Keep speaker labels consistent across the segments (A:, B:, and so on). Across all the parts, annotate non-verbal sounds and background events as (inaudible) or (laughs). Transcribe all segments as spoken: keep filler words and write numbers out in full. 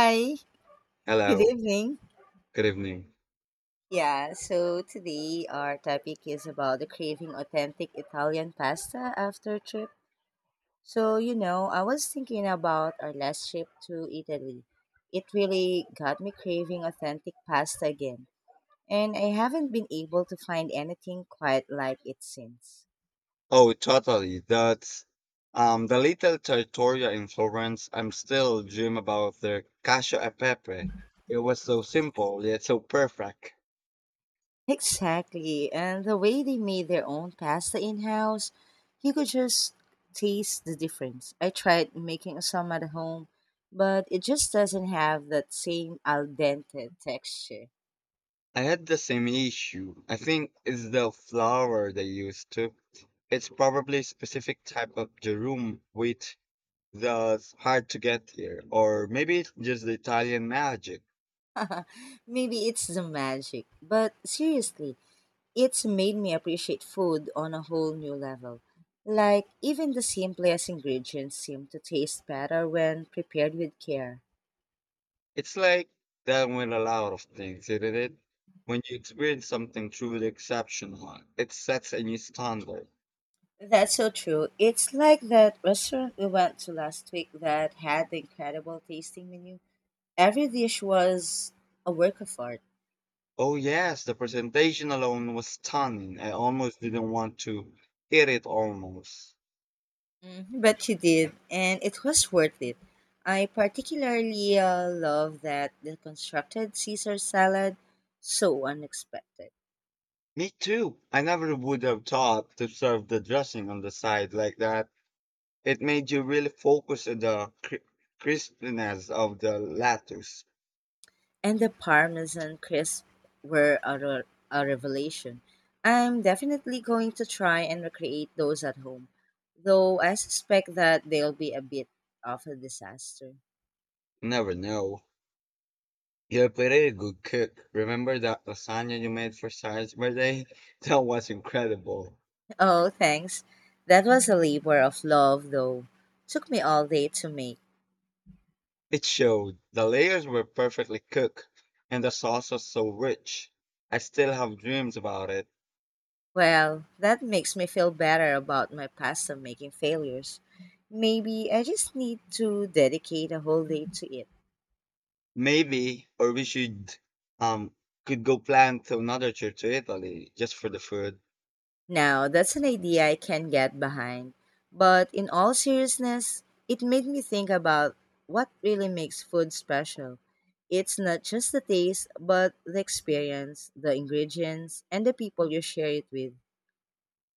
A: Hi, good
B: Hello,
A: evening.
B: good evening.
A: Yeah, so today our topic is about the craving authentic Italian pasta after trip. So, you know, I was thinking about our last trip to Italy. It really got me craving authentic pasta again, and I haven't been able to find anything quite like it since.
B: Oh, totally. That's um the little trattoria in Florence. I'm still dream about the cacio e pepe. It was so simple yet so perfect.
A: Exactly. And the way they made their own pasta in house, you could just taste the difference. I tried making some at home, but it just doesn't have that same al dente texture.
B: I had the same issue. I think it's the flour they used to. It's probably specific type of durum wheat that's hard to get here, or maybe it's just the Italian magic.
A: (laughs) Maybe it's the magic. But seriously, it's made me appreciate food on a whole new level. Like, even the simplest ingredients seem to taste better when prepared with care.
B: It's like that with a lot of things, isn't it? When you experience something truly exceptional, it sets a new standard.
A: That's so true. It's like that restaurant we went to last week that had the incredible tasting menu. Every dish was a work of art.
B: Oh yes, the presentation alone was stunning. I almost didn't want to eat it almost.
A: Mhm. But you did, and it was worth it. I particularly uh, love that the constructed Caesar salad, so unexpected.
B: Me too. I never would have thought to serve the dressing on the side like that. It made you really focus on the cri- crispness of the lettuce.
A: And the Parmesan crisps were a, re- a revelation. I'm definitely going to try and recreate those at home, though I suspect that they'll be a bit of a disaster. (laughs)
B: Never know. You're pretty good cook. Remember that lasagna you made for Sarah's birthday? (laughs) That was incredible.
A: Oh, thanks. That was a labor of love, though. Took me all day to make.
B: It showed. The layers were perfectly cooked, and the sauce was so rich. I still have dreams about it.
A: Well, that makes me feel better about my pasta making failures. Maybe I just need to dedicate a whole day to it.
B: Maybe, or we should, um, could go plan to another trip to Italy just for the food.
A: Now, that's an idea I can get behind. But in all seriousness, it made me think about what really makes food special. It's not just the taste, but the experience, the ingredients, and the people you share it with.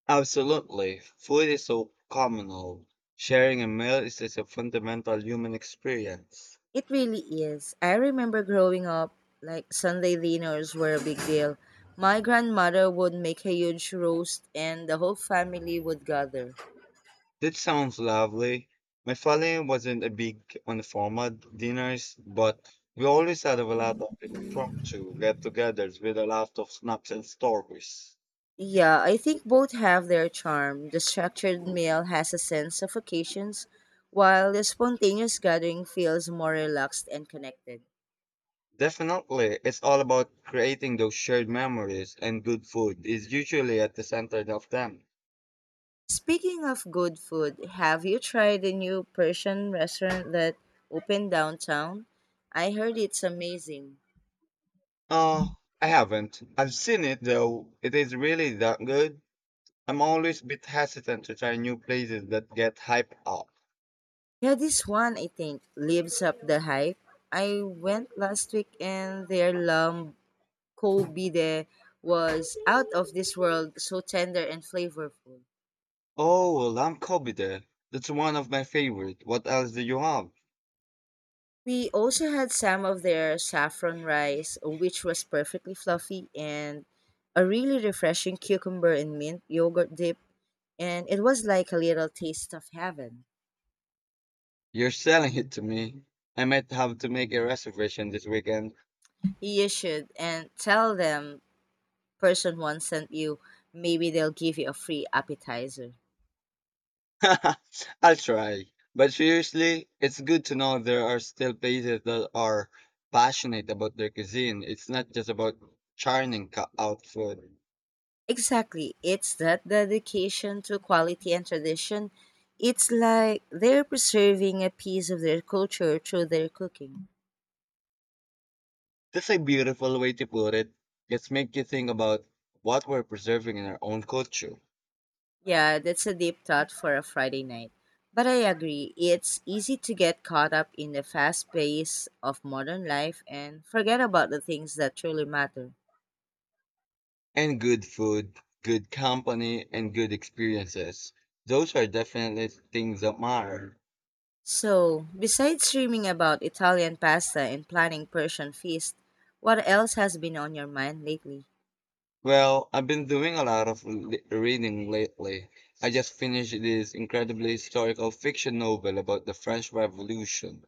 B: Absolutely. Food is so communal. Sharing a meal is just a fundamental human experience.
A: It really is. I remember growing up, like Sunday dinners were a big deal. My grandmother would make a huge roast, and the whole family would gather.
B: That sounds lovely. My family wasn't big on formal dinners, but we always had a lot of impromptu get-togethers with a lot of snaps and stories.
A: Yeah, I think both have their charm. The structured meal has a sense of occasions, while the spontaneous gathering feels more relaxed and connected.
B: Definitely, it's all about creating those shared memories, and good food is usually at the center of them.
A: Speaking of good food, have you tried the new Persian restaurant that opened downtown? I heard it's amazing.
B: Oh, I haven't. I've seen it though. It is really that good. I'm always a bit hesitant to try new places that get hyped up.
A: Yeah, this one I think lives up the hype. I went last week and their lamb kolbide was out of this world, so tender and flavorful.
B: Oh, well, I'm Kobide. That's one of my favorite. What else do you have?
A: We also had some of their saffron rice, which was perfectly fluffy, and a really refreshing cucumber and mint yogurt dip. And it was like a little taste of heaven.
B: You're selling it to me. I might have to make a reservation this weekend.
A: You should, and tell them person one sent you. Maybe they'll give you a free appetizer.
B: (laughs) I'll try. But seriously, it's good to know there are still places that are passionate about their cuisine. It's not just about churning co- out food.
A: Exactly. It's that dedication to quality and tradition. It's like they're preserving a piece of their culture through their cooking.
B: That's a beautiful way to put it. Let's make you think about what we're preserving in our own culture.
A: Yeah, that's a deep thought for a Friday night. But I agree, it's easy to get caught up in the fast pace of modern life and forget about the things that truly matter.
B: And good food, good company, and good experiences. Those are definitely things that matter.
A: So, besides dreaming about Italian pasta and planning Persian feast, what else has been on your mind lately?
B: Well, I've been doing a lot of l- reading lately. I just finished this incredibly historical fiction novel about the French Revolution.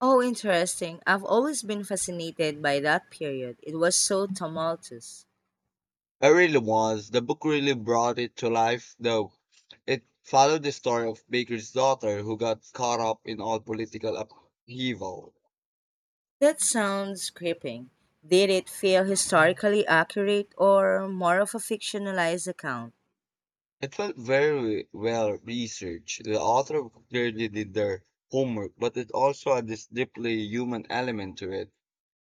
A: Oh, interesting. I've always been fascinated by that period. It was so tumultuous.
B: It really was. The book really brought it to life, though. It followed the story of Baker's daughter who got caught up in all political upheaval.
A: That sounds gripping. Did it feel historically accurate or more of a fictionalized account?
B: It felt very well researched. The author clearly did their homework, but it also had this deeply human element to it,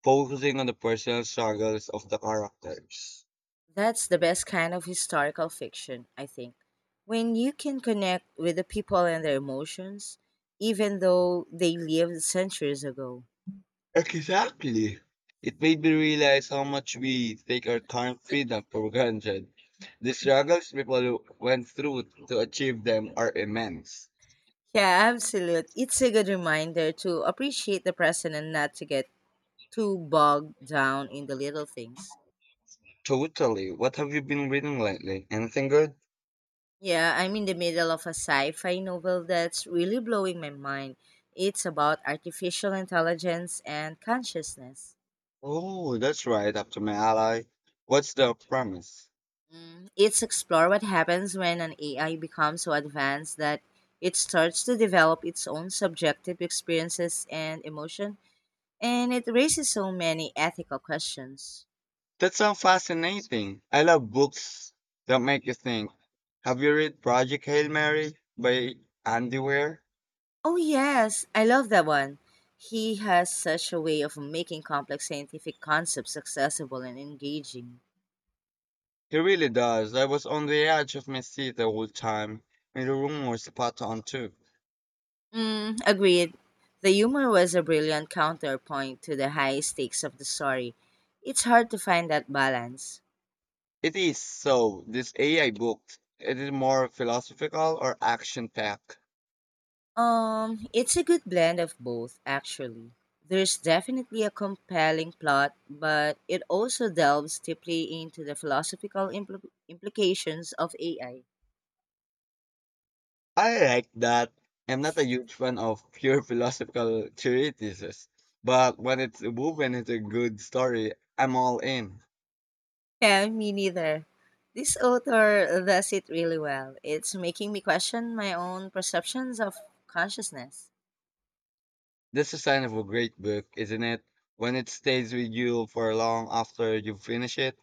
B: focusing on the personal struggles of the characters.
A: That's the best kind of historical fiction, I think. When you can connect with the people and their emotions, even though they lived centuries ago.
B: Exactly. It made me realize how much we take our current freedom for granted. The struggles people went through to achieve them are immense.
A: Yeah, absolute. It's a good reminder to appreciate the present and not to get too bogged down in the little things.
B: Totally. What have you been reading lately? Anything good?
A: Yeah, I'm in the middle of a sci fi novel that's really blowing my mind. It's about artificial intelligence and consciousness.
B: Oh, that's right, up to my ally. What's the premise?
A: Mm, It's explore what happens when an A I becomes so advanced that it starts to develop its own subjective experiences and emotion, and it raises so many ethical questions.
B: That sounds fascinating. I love books that make you think. Have you read Project Hail Mary by Andy Weir?
A: Oh, yes, I love that one. He has such a way of making complex scientific concepts accessible and engaging.
B: He really does. I was on the edge of my seat the whole time, and the room was spot on too.
A: Mm, agreed. The humor was a brilliant counterpoint to the high stakes of the story. It's hard to find that balance.
B: It is so. This A I book, it is more philosophical or action packed?
A: Um, it's a good blend of both, actually. There's definitely a compelling plot, but it also delves deeply into the philosophical impl- implications of A I.
B: I like that. I'm not a huge fan of pure (laughs) philosophical treatises, but when it's woven into a good story, I'm all in.
A: Yeah, me neither. This author does it really well. It's making me question my own perceptions of consciousness.
B: That's a sign of a great book, isn't it? When it stays with you for long after you finish it.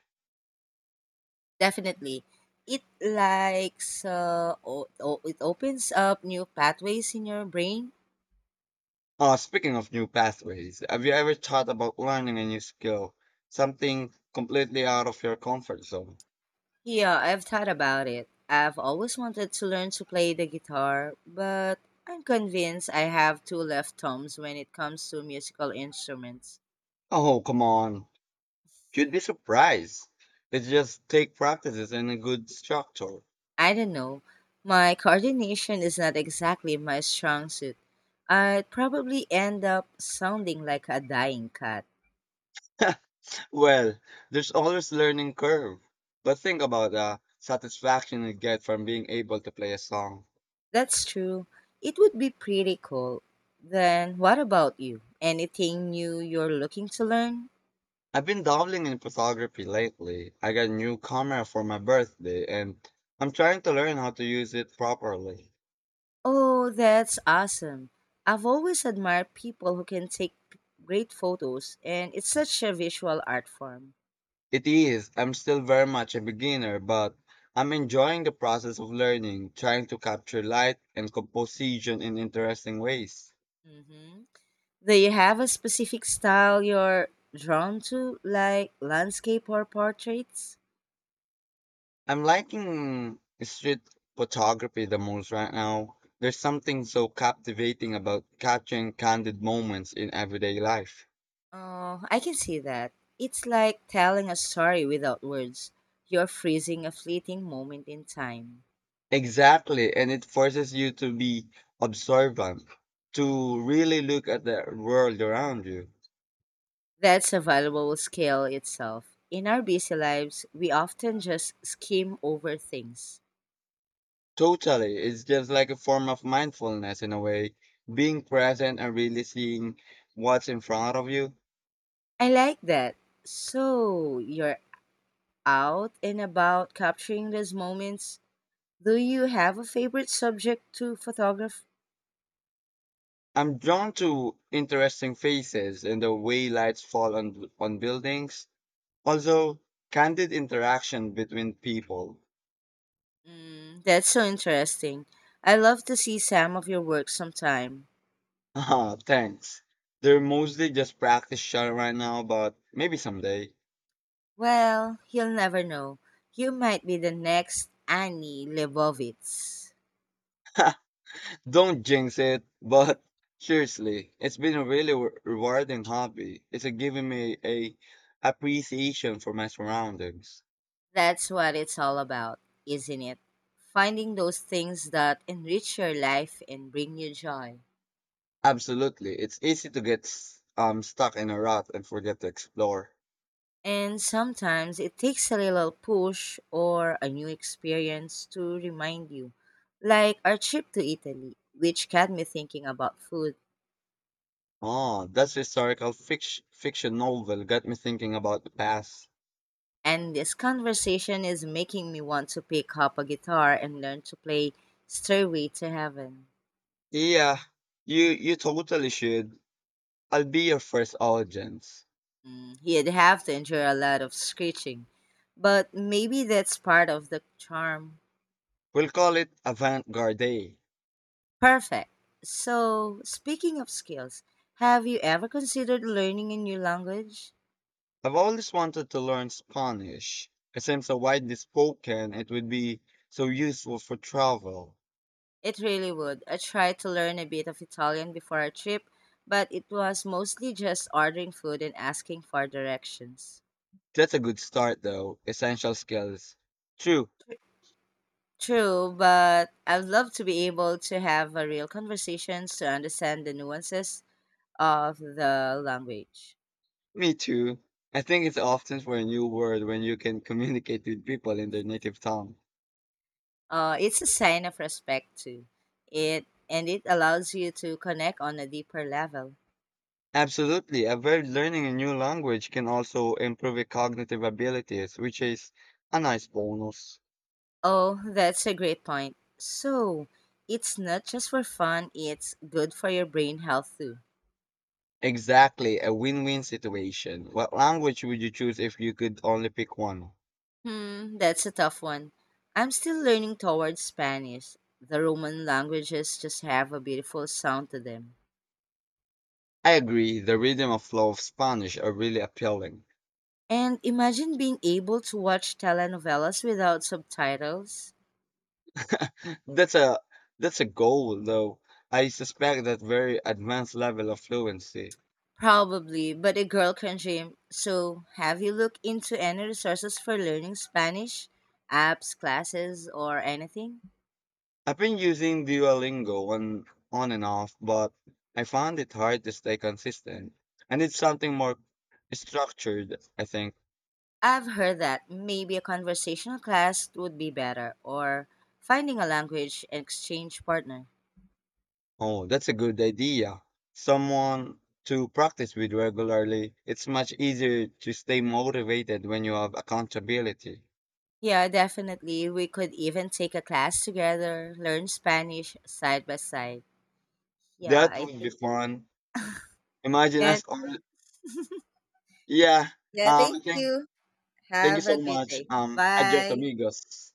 A: Definitely. It likes uh, o- o- it opens up new pathways in your brain.
B: Oh, speaking of new pathways, have you ever thought about learning a new skill? Something completely out of your comfort zone?
A: Yeah, I've thought about it. I've always wanted to learn to play the guitar, but I'm convinced I have two left thumbs when it comes to musical instruments.
B: Oh, come on. You'd be surprised. It just take practices and a good structure.
A: I don't know. My coordination is not exactly my strong suit. I'd probably end up sounding like a dying cat.
B: (laughs) Well, there's always learning curve. But think about the satisfaction you get from being able to play a song.
A: That's true. It would be pretty cool. Then, what about you? Anything new you're looking to learn?
B: I've been dabbling in photography lately. I got a new camera for my birthday and I'm trying to learn how to use it properly.
A: Oh, that's awesome. I've always admired people who can take p- great photos, and it's such a visual art form.
B: It is, I'm still very much a beginner, but I'm enjoying the process of learning, trying to capture light and composition in interesting ways.
A: Hmm. Do you have a specific style you're drawn to, like landscape or portraits?
B: I'm liking street photography the most right now. There's something so captivating about capturing candid moments in everyday life.
A: Oh, I can see that. It's like telling a story without words. You're freezing a fleeting moment in time.
B: Exactly, and it forces you to be observant, to really look at the world around you.
A: That's a valuable skill itself. In our busy lives, we often just skim over things.
B: Totally, it's just like a form of mindfulness in a way, being present and really seeing what's in front of you.
A: I like that. So, you're out and about capturing those moments. Do you have a favorite subject to photograph?
B: I'm drawn to interesting faces and the way lights fall on on buildings. Also, candid interaction between people. (laughs)
A: Mm, that's so interesting. I love to see some of your work sometime.
B: Ah, thanks. They're mostly just practice shot right now, but maybe someday.
A: Well, you'll never know. You might be the next Annie Leibovitz.
B: (laughs) Don't jinx it, but (laughs) seriously, it's been a really re- rewarding hobby. It's a given me a appreciation for my surroundings.
A: That's what it's all about, isn't it? Finding those things that enrich your life and bring you joy.
B: Absolutely, it's easy to get s- um stuck in a rut and forget to explore.
A: And sometimes it takes a little push or a new experience to remind you, like our trip to Italy, which got me thinking about food.
B: Oh, that's historical fiction fiction novel got me thinking about the past.
A: And this conversation is making me want to pick up a guitar and learn to play Stairway to Heaven.
B: Yeah, you you totally should. I'll be your first audience.
A: Mm, you'd have to endure a lot of screeching, but maybe that's part of the charm.
B: We'll call it Avant Garde.
A: Perfect. So, speaking of skills, have you ever considered learning a new language?
B: I've always wanted to learn Spanish. It seems so widely spoken, it would be so useful for travel.
A: It really would. I tried to learn a bit of Italian before our trip, but it was mostly just ordering food and asking for directions.
B: That's a good start, though. Essential skills. True,
A: True, but I'd love to be able to have a real conversations to understand the nuances of the language.
B: me too. I think it's often for a new word when you can communicate with people in their native tongue.
A: Uh, it's a sign of respect too. It and it allows you to connect on a deeper level.
B: Absolutely, I've heard learning a new language can also improve your cognitive abilities, which is a nice bonus.
A: Oh, that's a great point. So, it's not just for fun, it's good for your brain health too.
B: Exactly, a win-win situation. What language would you choose if you could only pick one?
A: Hmm, that's a tough one. I'm still learning towards Spanish. The Roman languages just have a beautiful sound to them.
B: I agree. The rhythm and flow of Spanish are really appealing.
A: And imagine being able to watch telenovelas without subtitles.
B: That's a that's a goal, though. I suspect that very advanced level of fluency.
A: Probably, but a girl can dream. So, have you looked into any resources for learning Spanish? Apps, classes, or anything?
B: I've been using Duolingo on on and off, but I found it hard to stay consistent. I need something more structured. I think.
A: I've heard that maybe a conversational class would be better, or finding a language exchange partner.
B: Oh, that's a good idea. Someone to practice with regularly. It's much easier to stay motivated when you have accountability.
A: Yeah, definitely. We could even take a class together, learn Spanish side by side. Yeah,
B: That
A: I
B: would be
A: think.
B: fun. Imagine
A: Yeah,
B: us all. Yeah.
A: yeah,
B: Um, I
A: thank
B: think
A: you.
B: thank you
A: Have a
B: so
A: great
B: much.
A: day.
B: Um, adios
A: Bye.
B: amigos.